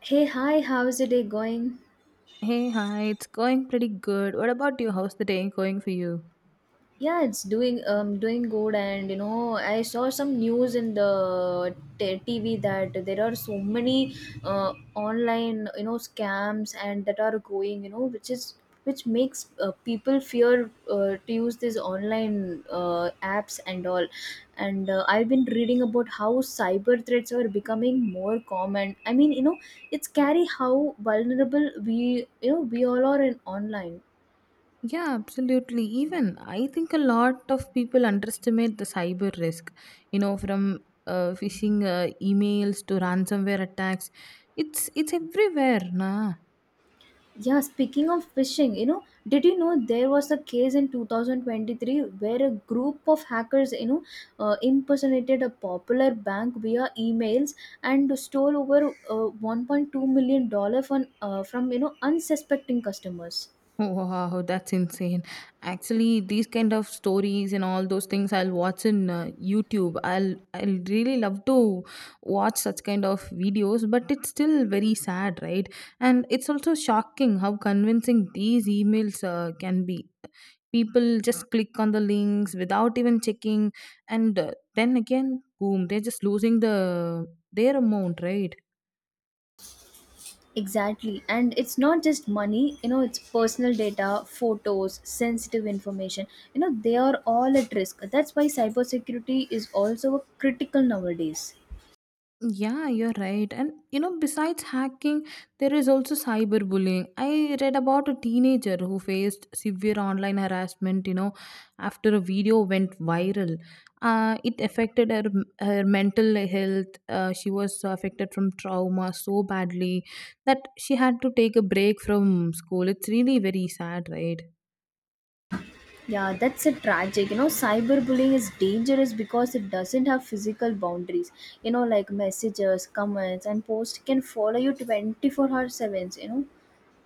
Hey, hi, how's the day going? Hey, hi, it's going pretty good. What about you? How's the day going for you? Yeah, it's doing good. I saw some news in the TV that there are so many online, scams and that are going, which makes people fear to use these online apps and all. And I've been reading about how cyber threats are becoming more common. It's scary how vulnerable we all are in online. Yeah, absolutely. Even I think a lot of people underestimate the cyber risk, you know, from phishing emails to ransomware attacks. It's everywhere, nah. Yeah, speaking of phishing, did you know there was a case in 2023 where a group of hackers, impersonated a popular bank via emails and stole over 1.2 million dollars from unsuspecting customers. Wow, that's insane. Actually, these kind of stories and all those things I'll watch in YouTube. I'll really love to watch such kind of videos, but it's still very sad, right? And it's also shocking how convincing these emails can be. People just click on the links without even checking and then again, boom, they're just losing the their amount, right? Exactly, and it's not just money. You know, it's personal data, photos, sensitive information. You know, they are all at risk. That's why cybersecurity is also critical nowadays. Yeah, you're right. And you know, besides hacking, there is also cyberbullying. I read about a teenager who faced severe online harassment, you know, after a video went viral. It affected her, her mental health. She was affected from trauma so badly that she had to take a break from school. It's really very sad, right? Yeah, that's a tragic. You know, cyberbullying is dangerous because it doesn't have physical boundaries. You know, like messages, comments, and posts can follow you 24 hours 7.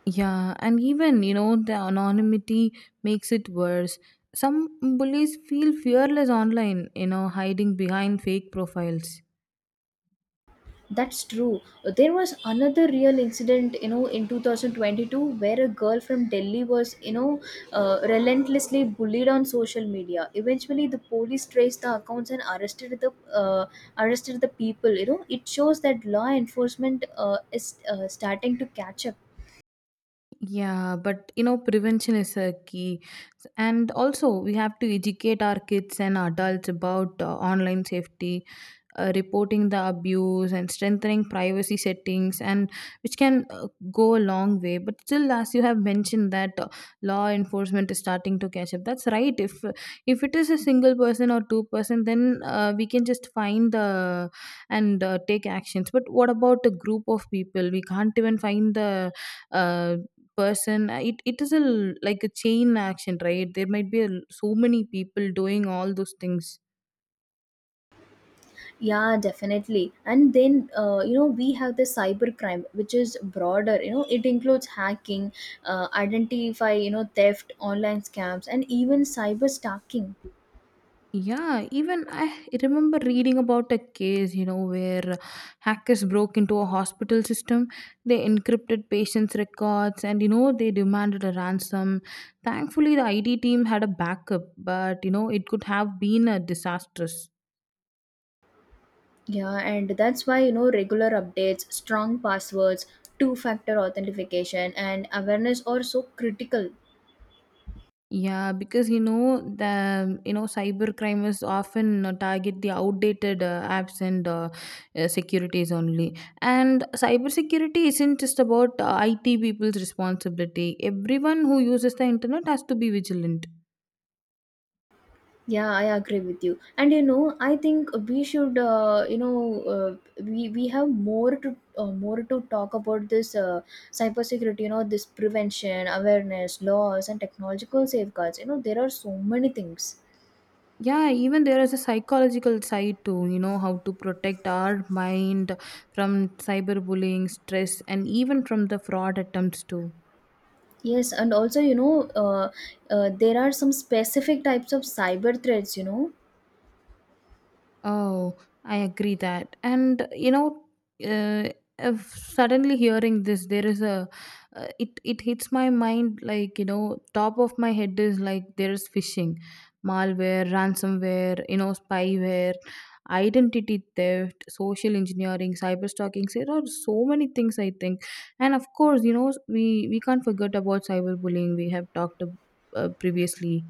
Yeah, and even, you know, the anonymity makes it worse. Some bullies feel fearless online, you know, hiding behind fake profiles. That's true. There was another real incident, in 2022 where a girl from Delhi was, relentlessly bullied on social media. Eventually, the police traced the accounts and arrested the people. You know, it shows that law enforcement is starting to catch up. Yeah, but you know, prevention is a key. And also, we have to educate our kids and adults about online safety, reporting the abuse, and strengthening privacy settings, and which can go a long way. But still, as you have mentioned, that law enforcement is starting to catch up. That's right. If it is a single person or two person, then we can just find the and take actions. But what about a group of people? We can't even find the uh, person it is a like a chain action, right? There might be a, so many people doing all those things. Yeah, definitely. And then, we have the cyber crime, which is broader. You know, it includes hacking, identify, theft, online scams, and even cyber stalking. Yeah, even I remember reading about a case, you know, where hackers broke into a hospital system. They encrypted patients records and you know they demanded a ransom. Thankfully the IT team had a backup, but you know it could have been a disastrous. Yeah, and that's why, regular updates, strong passwords, two factor authentication, and awareness are so critical. Yeah, because you know the you know cyber crime is often target the outdated apps and securities only. And cybersecurity isn't just about IT people's responsibility. Everyone who uses the internet has to be vigilant. Yeah, I agree with you. And you know, I think we should, we have more to talk about this cybersecurity. You know, this prevention, awareness, laws, and technological safeguards. You know, there are so many things. Yeah, even there is a psychological side too. You know how to protect our mind from cyberbullying, stress, and even from the fraud attempts too. Yes, and also there are some specific types of cyber threats. You know, Oh, I agree that. And you know, uh, if suddenly hearing this, there is a it hits my mind like, you know, top of my head is like there is phishing, malware, ransomware, you know, spyware, identity theft, social engineering, cyber stalking. There are so many things I think, and of course, you know, we can't forget about cyberbullying. We have talked previously.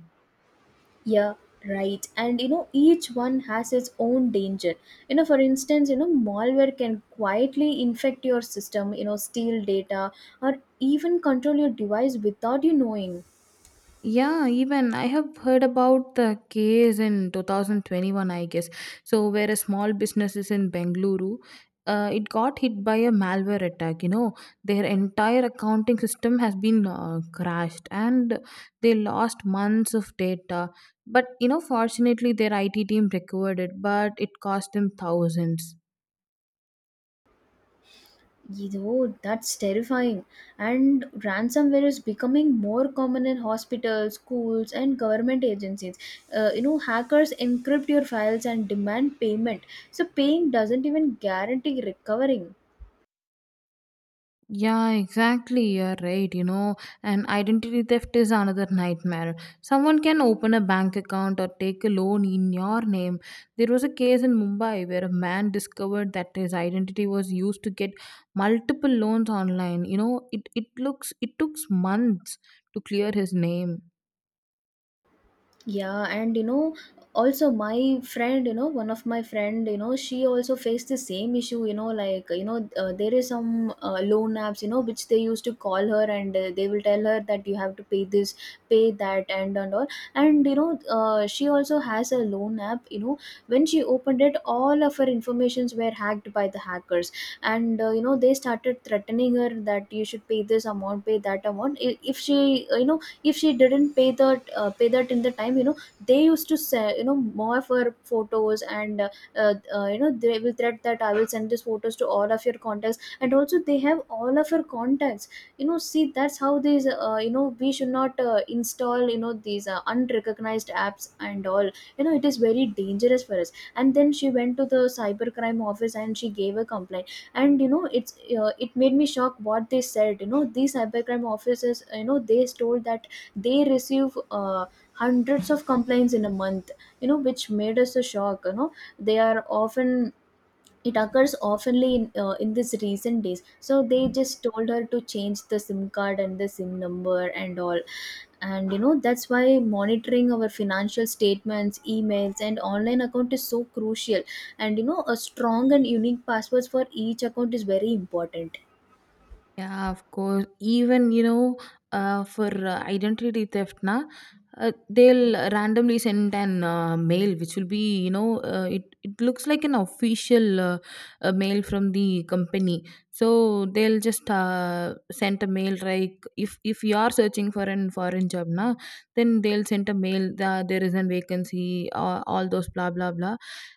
yeah, right. And you know, each one has its own danger. You know, for instance, malware can quietly infect your system, steal data, or even control your device without you knowing. Yeah, even I have heard about the case in 2021, I guess. So, where a small business is in Bengaluru, it got hit by a malware attack. You know, their entire accounting system has been crashed and they lost months of data. But, you know, fortunately, their IT team recovered it, but it cost them thousands. Oh, that's terrifying. And ransomware is becoming more common in hospitals, schools, and government agencies. Hackers encrypt your files and demand payment. So, paying doesn't even guarantee recovering. Yeah, exactly. You're right. You know, and identity theft is another nightmare. Someone can open a bank account or take a loan in your name. There was a case in Mumbai where a man discovered that his identity was used to get multiple loans online. You know, it looks it took months to clear his name. Yeah, and you know, also my friend, one of my friend, she also faced the same issue, there is some loan apps, which they used to call her and they will tell her that you have to pay this, pay that, and all. And you know, she also has a loan app, when she opened it, all of her informations were hacked by the hackers. And they started threatening her that you should pay this amount, pay that amount. If she, if she didn't pay that in the time, they used to say, more of her photos and they will threat that I will send these photos to all of your contacts, and also they have all of her contacts. You know, see, that's how these we should not install, these unrecognized apps and all. You know, it is very dangerous for us. And then she went to the cybercrime office and she gave a complaint. And you know, it's it made me shocked what they said. You know, these cybercrime officers, they told that they receive hundreds of complaints in a month. You know, which made us a shock. You know, they are often, it occurs oftenly in this recent days. So they just told her to change the sim card and the sim number and all. And you know, that's why monitoring our financial statements, emails, and online account is so crucial. And you know, a strong and unique passwords for each account is very important. Yeah, of course. Even, you know, for identity theft, na, they'll randomly send an mail which will be, you know, it looks like an official mail from the company. So they'll just send a mail like if you are searching for an foreign job, na, then they'll send a mail that there is a vacancy, all those blah blah blah,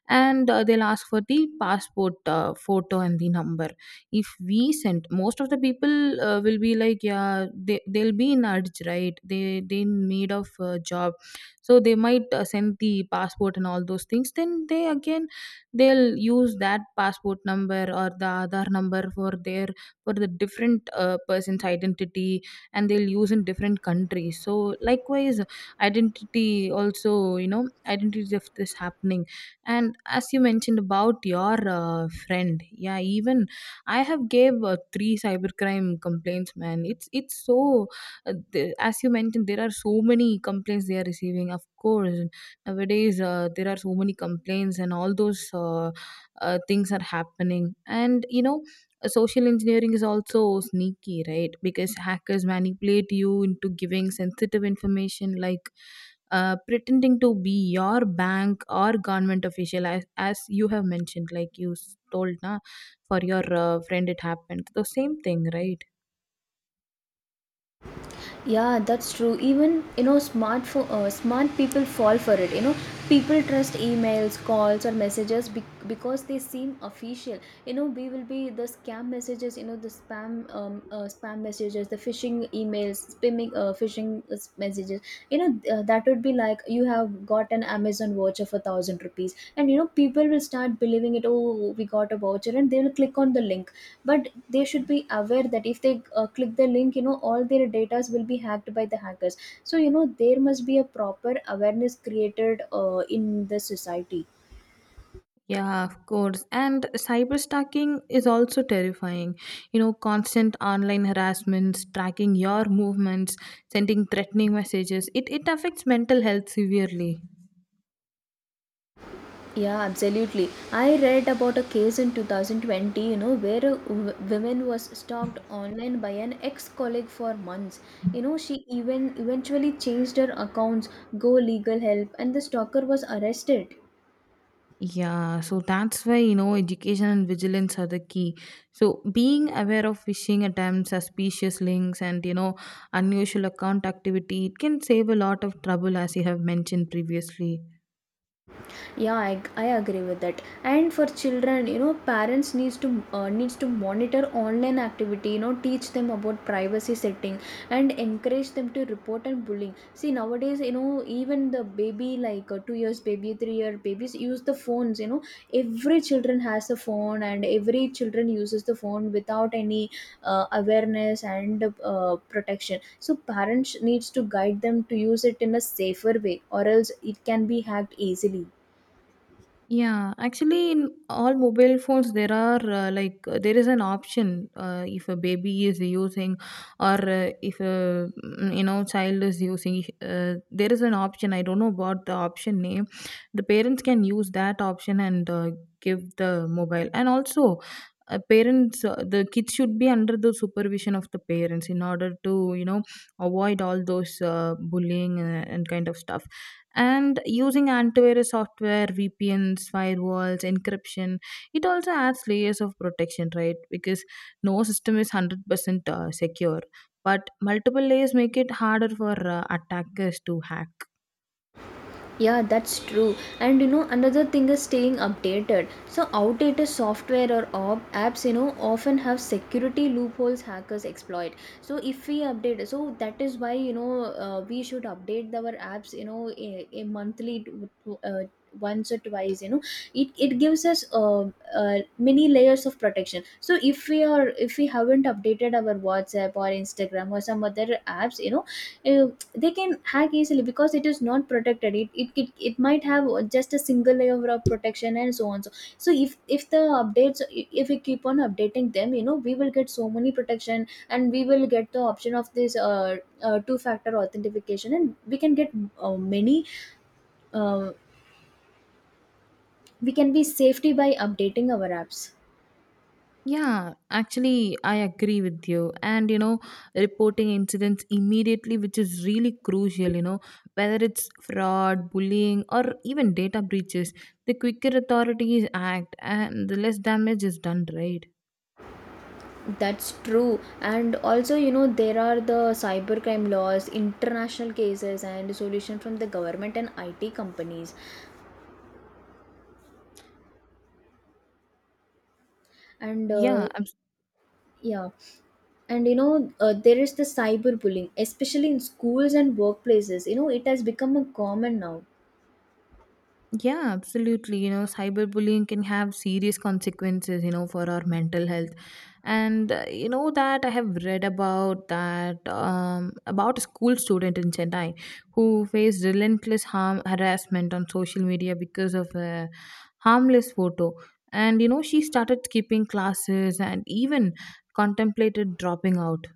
and they'll ask for the passport photo and the number. If we send, most of the people will be like yeah they'll be in urge, right? They in need of a job, so they might send the passport and all those things. Then they again they'll use that passport number or the Aadhaar number for their for the different person's identity, and they'll use in different countries. So likewise identity also, you know, identity theft is happening. And as you mentioned about your friend, yeah, even I have gave 3 cybercrime complaints, man. It's so as you mentioned, there are so many complaints they are receiving. Of course, nowadays there are so many complaints and all those things are happening. And you know, social engineering is also sneaky, right? Because hackers manipulate you into giving sensitive information like pretending to be your bank or government official, as you have mentioned, like you told, na, for your friend it happened the same thing, right? Yeah, that's true. Even you know, smart people fall for it. You know, people trust emails, calls, or messages because they seem official. You know, we will be the scam messages. You know, the spam messages, the phishing emails, spamming phishing messages. You know, that would be like you have got an amazon voucher for 1000 rupees. And you know, people will start believing it, oh, we got a voucher, and they will click on the link. But they should be aware that if they click the link, all their data will be hacked by the hackers. So you know, there must be a proper awareness created in the society. Yeah, of course. And cyberstalking is also terrifying. You know, constant online harassments, tracking your movements, sending threatening messages. It affects mental health severely. Yeah, absolutely. I read about a case in 2020, where a woman was stalked online by an ex-colleague for months. You know, she even eventually changed her accounts, go legal help, and the stalker was arrested. Yeah, so that's why you know education and vigilance are the key. So being aware of phishing attempts, suspicious links, and you know unusual account activity, it can save a lot of trouble, as you have mentioned previously. Yeah, I agree with that. And for children, parents needs to monitor online activity. You know, teach them about privacy setting, and encourage them to report and bullying. See nowadays, even the baby like 2 years baby, 3-year babies use the phones. You know, every children has a phone and every children uses the phone without any awareness and protection. So parents needs to guide them to use it in a safer way, or else it can be hacked easily. Yeah, actually, in all mobile phones, there are like there is an option if a baby is using, or if a you know child is using. There is an option. I don't know about the option name. The parents can use that option and give the mobile. And also, parents, the kids should be under the supervision of the parents in order to, you know, avoid all those bullying and kind of stuff. And using antivirus software, VPNs, firewalls, encryption, it also adds layers of protection, right? Because no system is 100% secure, but multiple layers make it harder for attackers to hack. Yeah, that's true. And you know, another thing is staying updated. So, outdated software or apps, often have security loopholes hackers exploit. So, if we update, so that is why, we should update our apps, a monthly, t- uh, once or twice. You know, it gives us many layers of protection. So if we are if we haven't updated our whatsapp or instagram or some other apps, they can hack easily because it is not protected. It might have just a single layer of protection and so on. So if the updates, if we keep on updating them, we will get so many protection, and we will get the option of this two factor authentication, and we can get many uh, we can be safety by updating our apps. Yeah, actually, I agree with you. And, you know, reporting incidents immediately, which is really crucial, you know, whether it's fraud, bullying, or even data breaches, the quicker authorities act and the less damage is done, right? That's true, and also you know there are the cybercrime laws, international cases, and solution from the government and it companies. And Yeah, abs- yeah. And you know, there is the cyberbullying, especially in schools and workplaces. You know, it has become a common now. yeah, absolutely. You know, cyberbullying can have serious consequences, you know, for our mental health. And you know that I have read about that about a school student in Chennai who faced relentless harm harassment on social media because of a harmless photo. And you know, she started skipping classes and even contemplated dropping out.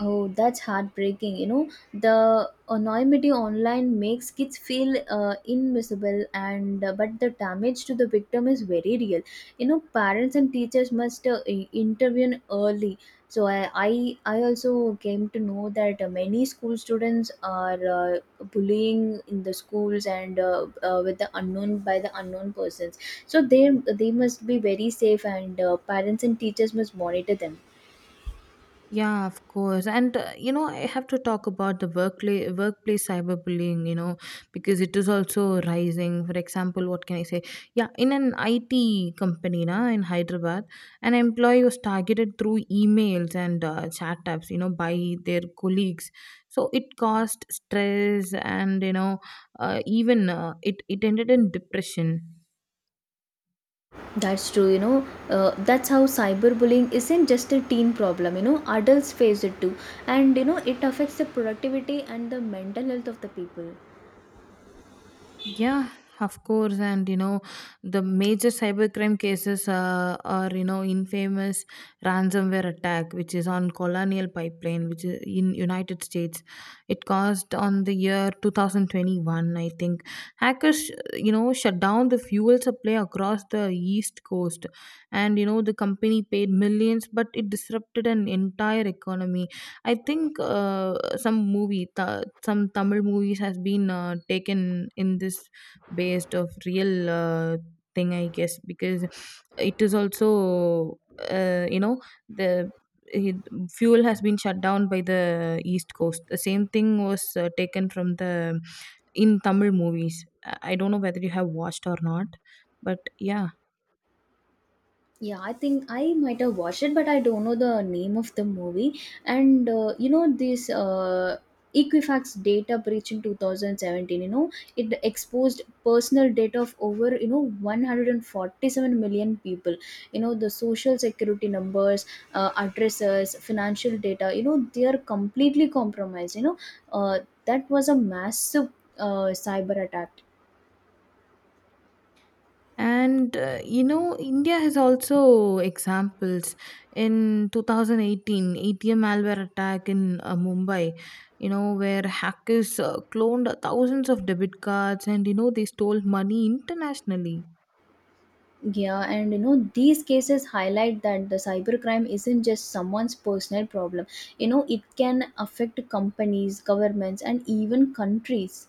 Oh, that's heartbreaking. You know, the anonymity online makes kids feel invisible, and but the damage to the victim is very real. You know, parents and teachers must intervene early. So I also came to know that many school students are bullying in the schools, and with the unknown by the unknown persons. So they must be very safe, and parents and teachers must monitor them. Yeah, of course. And, you know, I have to talk about the workplace cyberbullying, you know, because it is also rising. For example, what can I say? Yeah, in an IT company na, in Hyderabad, an employee was targeted through emails and chat apps, you know, by their colleagues. So it caused stress and, you know, even it ended in depression. That's true, you know. That's how cyberbullying isn't just a teen problem. You know, adults face it too. And, you know, it affects the productivity and the mental health of the people. Yeah, of course. And you know, the major cybercrime cases are, you know, infamous ransomware attack, which is on Colonial Pipeline, which is in United States. It caused on the year 2021, I think. Hackers, you know, shut down the fuel supply across the East Coast, and you know the company paid millions, but it disrupted an entire economy. I think some some Tamil movies has been taken in this based of real thing, I guess, because it is also you know the it- fuel has been shut down by the east coast. The same thing was taken from the in Tamil movies. I don't know whether you have watched or not, but yeah. Yeah, I think I might have watched it, but I don't know the name of the movie. And this Equifax data breach in 2017, it exposed personal data of over, 147 million people. You know, the social security numbers, addresses, financial data, they are completely compromised. Uh, that was a massive cyber attack. And you know, India has also examples. In 2018, ATM malware attack in Mumbai, you know, where hackers cloned thousands of debit cards and you know they stole money internationally. Yeah, and you know, these cases highlight that the cybercrime isn't just someone's personal problem. You know, it can affect companies, governments, and even countries.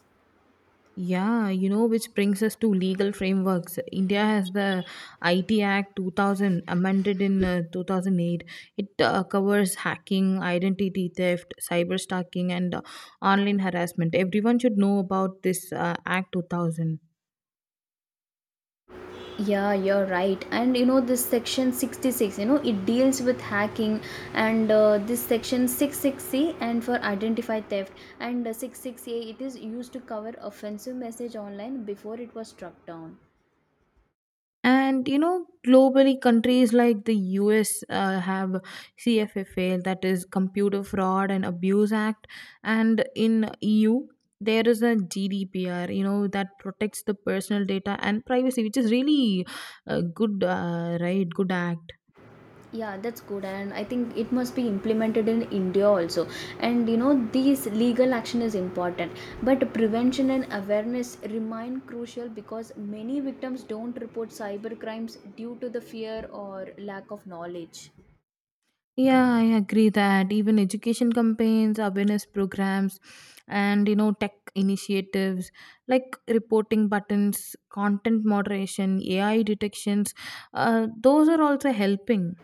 Yeah, you know, which brings us to legal frameworks. India has the IT Act 2000, amended in 2008. It covers hacking, identity theft, cyber stalking, and online harassment. Everyone should know about this Act 2000. Yeah, you're right. And you know, this section 66, it deals with hacking, and this section 66C and for identified theft, and 66A, it is used to cover offensive message online before it was struck down. And you know, globally, countries like the US have CFFA, that is Computer Fraud and Abuse Act, and in EU there is a GDPR, you know, that protects the personal data and privacy, which is really a good, right? Good act. Yeah, that's good, and I think it must be implemented in india also. And you know, these legal action is important, but prevention and awareness remain crucial because many victims don't report cyber crimes due to the fear or lack of knowledge. Yeah, I agree that, even education campaigns, awareness programs, and you know, tech initiatives like reporting buttons, content moderation, AI detections, those are also helping.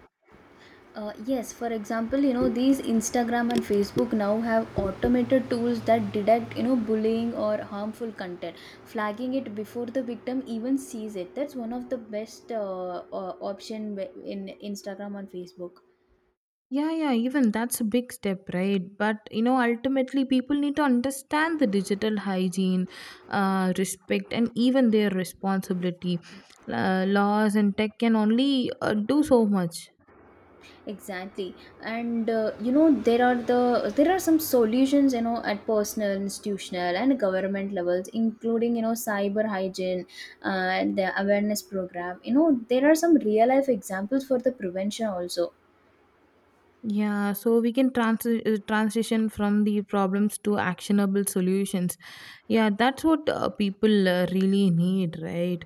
Yes, for example, these Instagram and Facebook now have automated tools that detect, bullying or harmful content, flagging it before the victim even sees it. That's one of the best option in Instagram and Facebook. Yeah, yeah, even that's a big step, right? But you know, ultimately, people need to understand the digital hygiene, respect, and even their responsibility. Laws and tech can only do so much. Exactly, and you know there are some solutions, you know, at personal, institutional, and government levels, including you know cyber hygiene and the awareness program. You know there are some real life examples for the prevention also. Yeah, so we can transition from the problems to actionable solutions. Yeah, that's what people really need, right?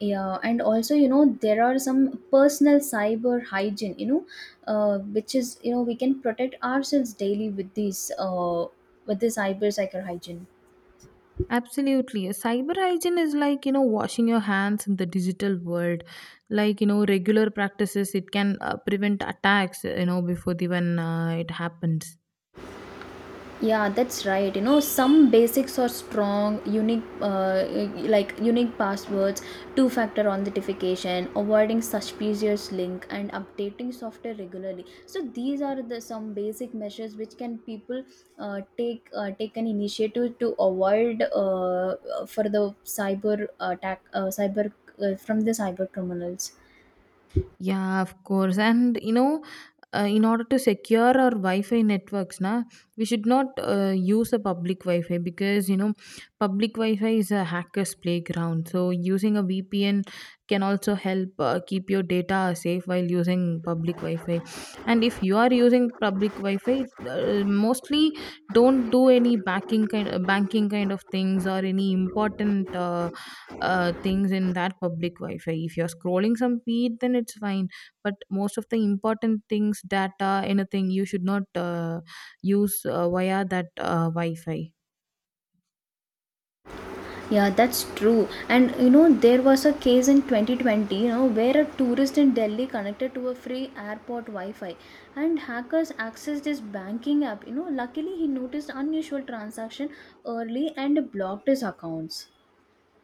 Yeah, and also you know there are some personal cyber hygiene. You know, which is you know we can protect ourselves daily with these with this cyber hygiene. Absolutely. Cyber hygiene is like, you know, washing your hands in the digital world. Like, you know, regular practices, it can prevent attacks, you know, before even it happens. Yeah, that's right. You know, some basics are strong, unique, like unique passwords, two factor authentication, avoiding suspicious link, and updating software regularly. So these are the some basic measures which can people take an initiative to avoid for the cyber attack, cyber from the cyber criminals. Yeah, of course. And you know, in order to secure our Wi-Fi networks, na, we should not use a public Wi-Fi because you know, public Wi-Fi is a hacker's playground. So using a VPN can also help keep your data safe while using public Wi-Fi. And if you are using public Wi-Fi, mostly don't do any banking kind of things or any important. Things in that public Wi-Fi. If you're scrolling some feed, then it's fine. But most of the important things, data, anything, you should not use via that Wi-Fi. Yeah, that's true. And you know, there was a case in 2020, you know, where a tourist in Delhi connected to a free airport Wi-Fi and hackers accessed his banking app. You know, luckily he noticed unusual transaction early and blocked his accounts.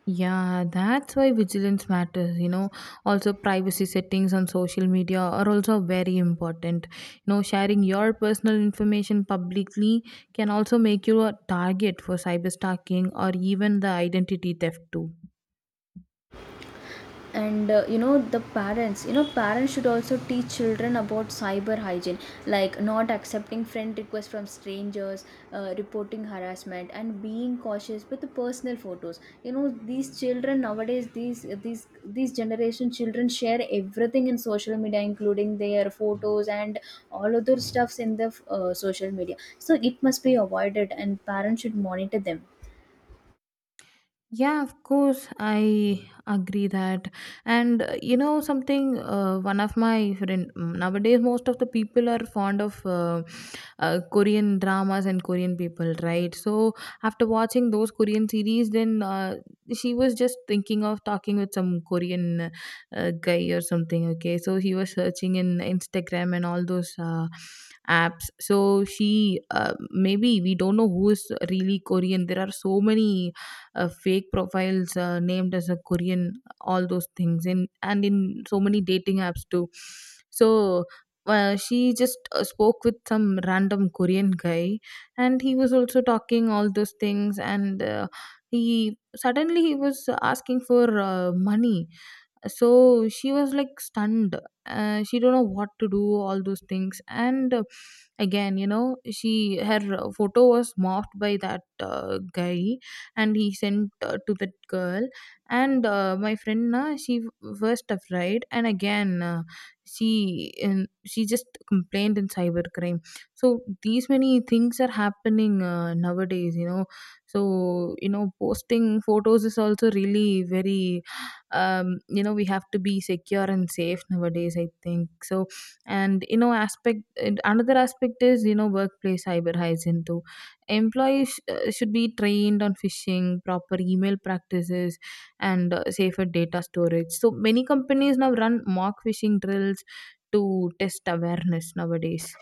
Yeah, that's why vigilance matters. You know, also privacy settings on social media are also very important. You know, sharing your personal information publicly can also make you a target for cyberstalking or even the identity theft too. And you know parents should also teach children about cyber hygiene, like not accepting friend requests from strangers, reporting harassment, and being cautious with the personal photos. You know, these children nowadays, these generation children share everything in social media, including their photos and all other stuffs in the social media, so it must be avoided and parents should monitor them. Yeah, of course, I agree that. And you know something, one of my friend nowadays, most of the people are fond of Korean dramas and Korean people, right? So after watching those Korean series, then she was just thinking of talking with some Korean guy or something. Okay, so he was searching in Instagram and all those. Apps, so she maybe we don't know who is really Korean. There are so many fake profiles named as a Korean, all those things in, and in so many dating apps too. So she just spoke with some random Korean guy, and he was also talking all those things. And he suddenly he was asking for money, so she was like stunned. She don't know what to do, all those things. And again, you know, she her photo was morphed by that guy, and he sent to that girl. And my friend, na, she first afraid, and again, she just complained in cybercrime. So these many things are happening nowadays, you know. So you know, posting photos is also really very you know, we have to be secure and safe nowadays, I think so. And you know, aspect, and another aspect is, you know, workplace cyber hygiene too. Employees should be trained on phishing, proper email practices, and safer data storage. So many companies now run mock phishing drills to test awareness nowadays.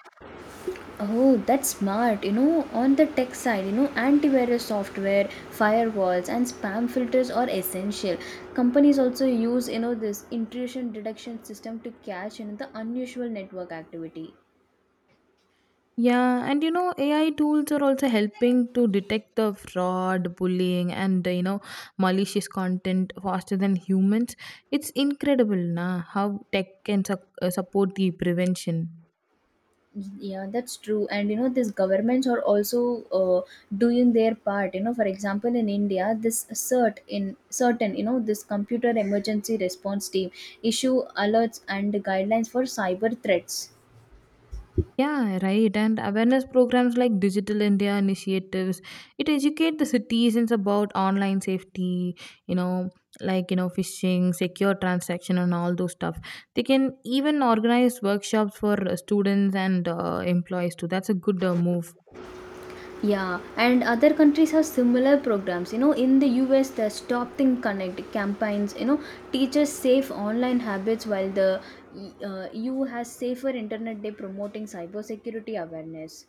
Oh, that's smart. You know, on the tech side, you know, antivirus software, firewalls, and spam filters are essential. Companies also use, you know, this intrusion detection system to catch, you know, the unusual network activity. Yeah, and you know, AI tools are also helping to detect the fraud, bullying, and you know, malicious content faster than humans. It's incredible, na, how tech can support the prevention. Yeah, that's true. And you know, these governments are also doing their part. You know, for example, in India, this CERT-In in certain, you know, this Computer Emergency Response Team issue alerts and guidelines for cyber threats. Yeah, right. And awareness programs like Digital India initiatives, it educate the citizens about online safety, you know, like, you know, phishing, secure transaction, and all those stuff. They can even organize workshops for students and employees too. That's a good move. Yeah, and other countries have similar programs. You know, in the US, the Stop Think Connect campaigns, you know, teaches safe online habits, while the EU has Safer Internet Day promoting cybersecurity awareness.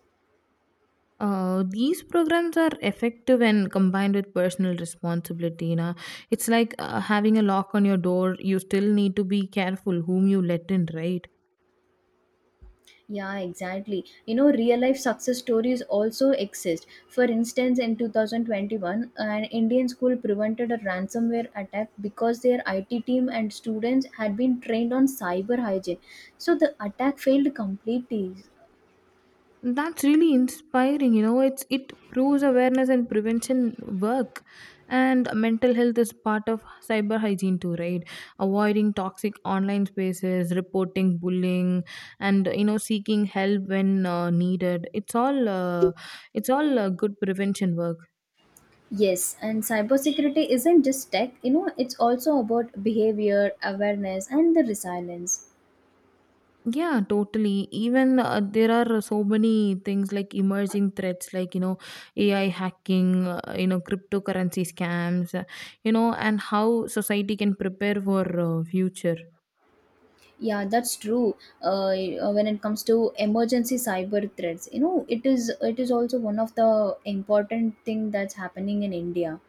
These programs are effective when combined with personal responsibility. You know, it's like having a lock on your door. You still need to be careful whom you let in, right? Yeah, exactly. You know, real life success stories also exist. For instance, in 2021, an Indian school prevented a ransomware attack because their IT team and students had been trained on cyber hygiene. So the attack failed completely. That's really inspiring. You know, it proves awareness and prevention work, and mental health is part of cyber hygiene too, right? Avoiding toxic online spaces, reporting bullying, and you know, seeking help when needed. It's all good prevention work. Yes, and cybersecurity isn't just tech, you know, it's also about behavior, awareness, and the resilience. Yeah, totally. Even there are so many things like emerging threats, like you know, AI hacking, you know, cryptocurrency scams, you know, and how society can prepare for future. Yeah, that's true. Uh, when it comes to emergency cyber threats, you know, it is also one of the important thing that's happening in India.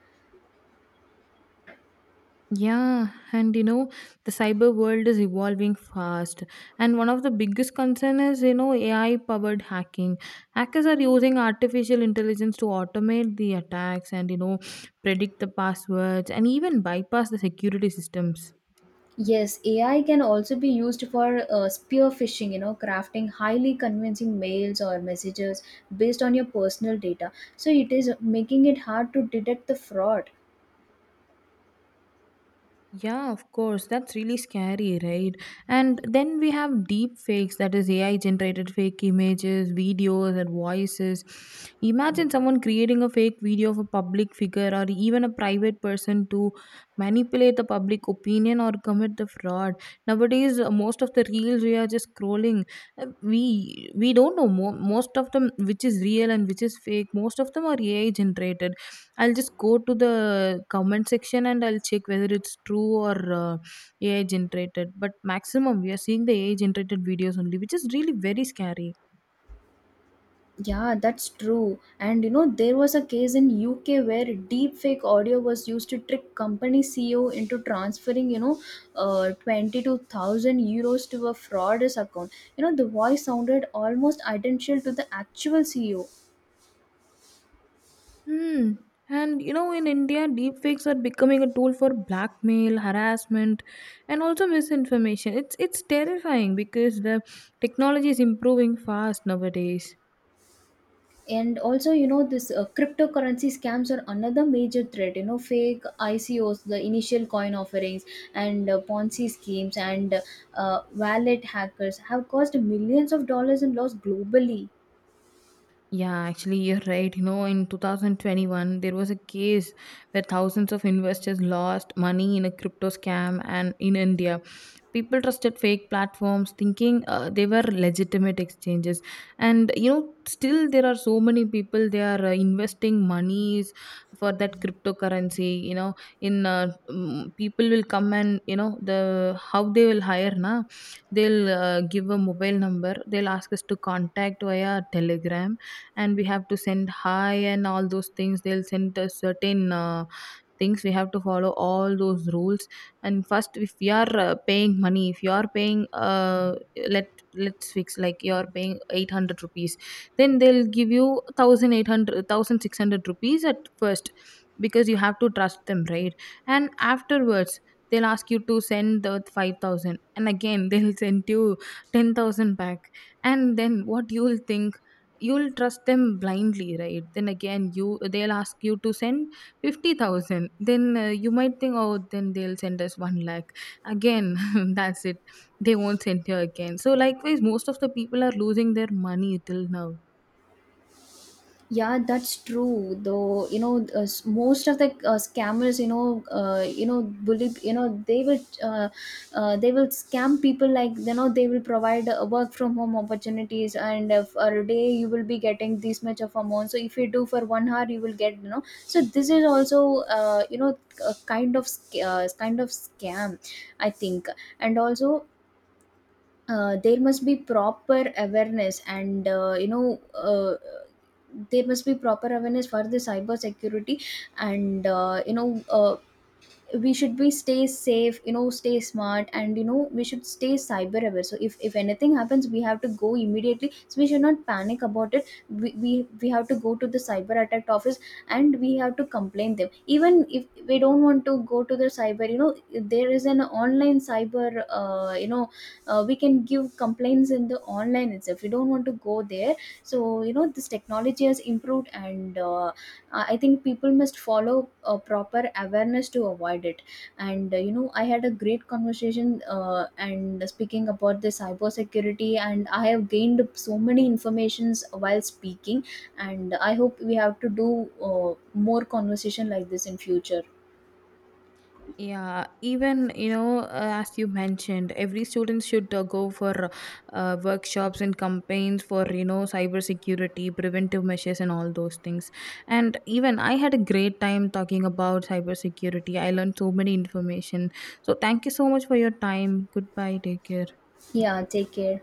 Yeah, and you know, the cyber world is evolving fast, and one of the biggest concern is, you know, AI powered hacking. Hackers are using artificial intelligence to automate the attacks, and you know, predict the passwords and even bypass the security systems. Yes, AI can also be used for spear phishing, you know, crafting highly convincing mails or messages based on your personal data. So it is making it hard to detect the fraud. Yeah, of course. That's really scary, right? And then we have deep fakes, that is AI generated fake images, videos, and voices. Imagine someone creating a fake video of a public figure or even a private person to manipulate the public opinion or commit the fraud. Nowadays, most of the reels we are just scrolling. We don't know most of them which is real and which is fake. Most of them are AI generated. I'll just go to the comment section and I'll check whether it's true or AI generated. But maximum, we are seeing the AI generated videos only, which is really very scary. Yeah, that's true. And you know, there was a case in UK where deepfake audio was used to trick company CEO into transferring, €22,000 to a fraudster's account. You know, the voice sounded almost identical to the actual CEO. Hmm. And you know, in India, deepfakes are becoming a tool for blackmail, harassment, and also misinformation. It's terrifying because the technology is improving fast nowadays. And also, you know, this cryptocurrency scams are another major threat. You know, fake ICOs, the initial coin offerings, and Ponzi schemes, and wallet hackers have caused millions of dollars in loss globally. Yeah, actually, you're right. You know, in 2021, there was a case where thousands of investors lost money in a crypto scam and in India. People trusted fake platforms thinking they were legitimate exchanges. And, you know, still there are so many people, they are investing monies for that cryptocurrency. You know, in people will come and, you know, the how they will hire, na, they'll give a mobile number, they'll ask us to contact via Telegram, and we have to send hi and all those things. They'll send us certain things, we have to follow all those rules. And first, if you are paying money, if you are paying let let's fix like you are paying 800 rupees, then they'll give you 1800 rupees at first because you have to trust them, right? And afterwards, they'll ask you to send the 5000, and again they'll send you 10,000 back. And then what you'll think? You'll trust them blindly, right? Then again you they'll ask you to send 50,000. Then you might think, oh, then they'll send us 1 lakh again. That's it, they won't send you again. So likewise, most of the people are losing their money till now. Yeah, that's true. Though you know, most of the scammers, you know, bully, you know, they will scam people, like you know, they will provide work from home opportunities, and for a day you will be getting this much of amount. So if you do for 1 hour, you will get you know. So this is also you know a kind of scam, I think, and also. There must be proper awareness and you know There must be proper awareness for the cyber security, and we should be stay safe, you know, stay smart, and you know we should stay cyber aware. So if anything happens we have to go immediately, so we should not panic about it. We have to go to the cyber attack office and we have to complain them. Even if we don't want to go to the cyber, you know, there is an online cyber, we can give complaints in the online itself, we don't want to go there. So you know this technology has improved, and I think people must follow a proper awareness to avoid it. And you know, I had a great conversation and speaking about the cybersecurity, and I have gained so many informations while speaking, and I hope we have to do more conversation like this in future. Yeah, even you know, as you mentioned, every student should go for workshops and campaigns for you know cybersecurity, preventive measures, and all those things. And even I had a great time talking about cybersecurity. I learned so many information. So thank you so much for your time. Goodbye. Take care. Yeah, take care.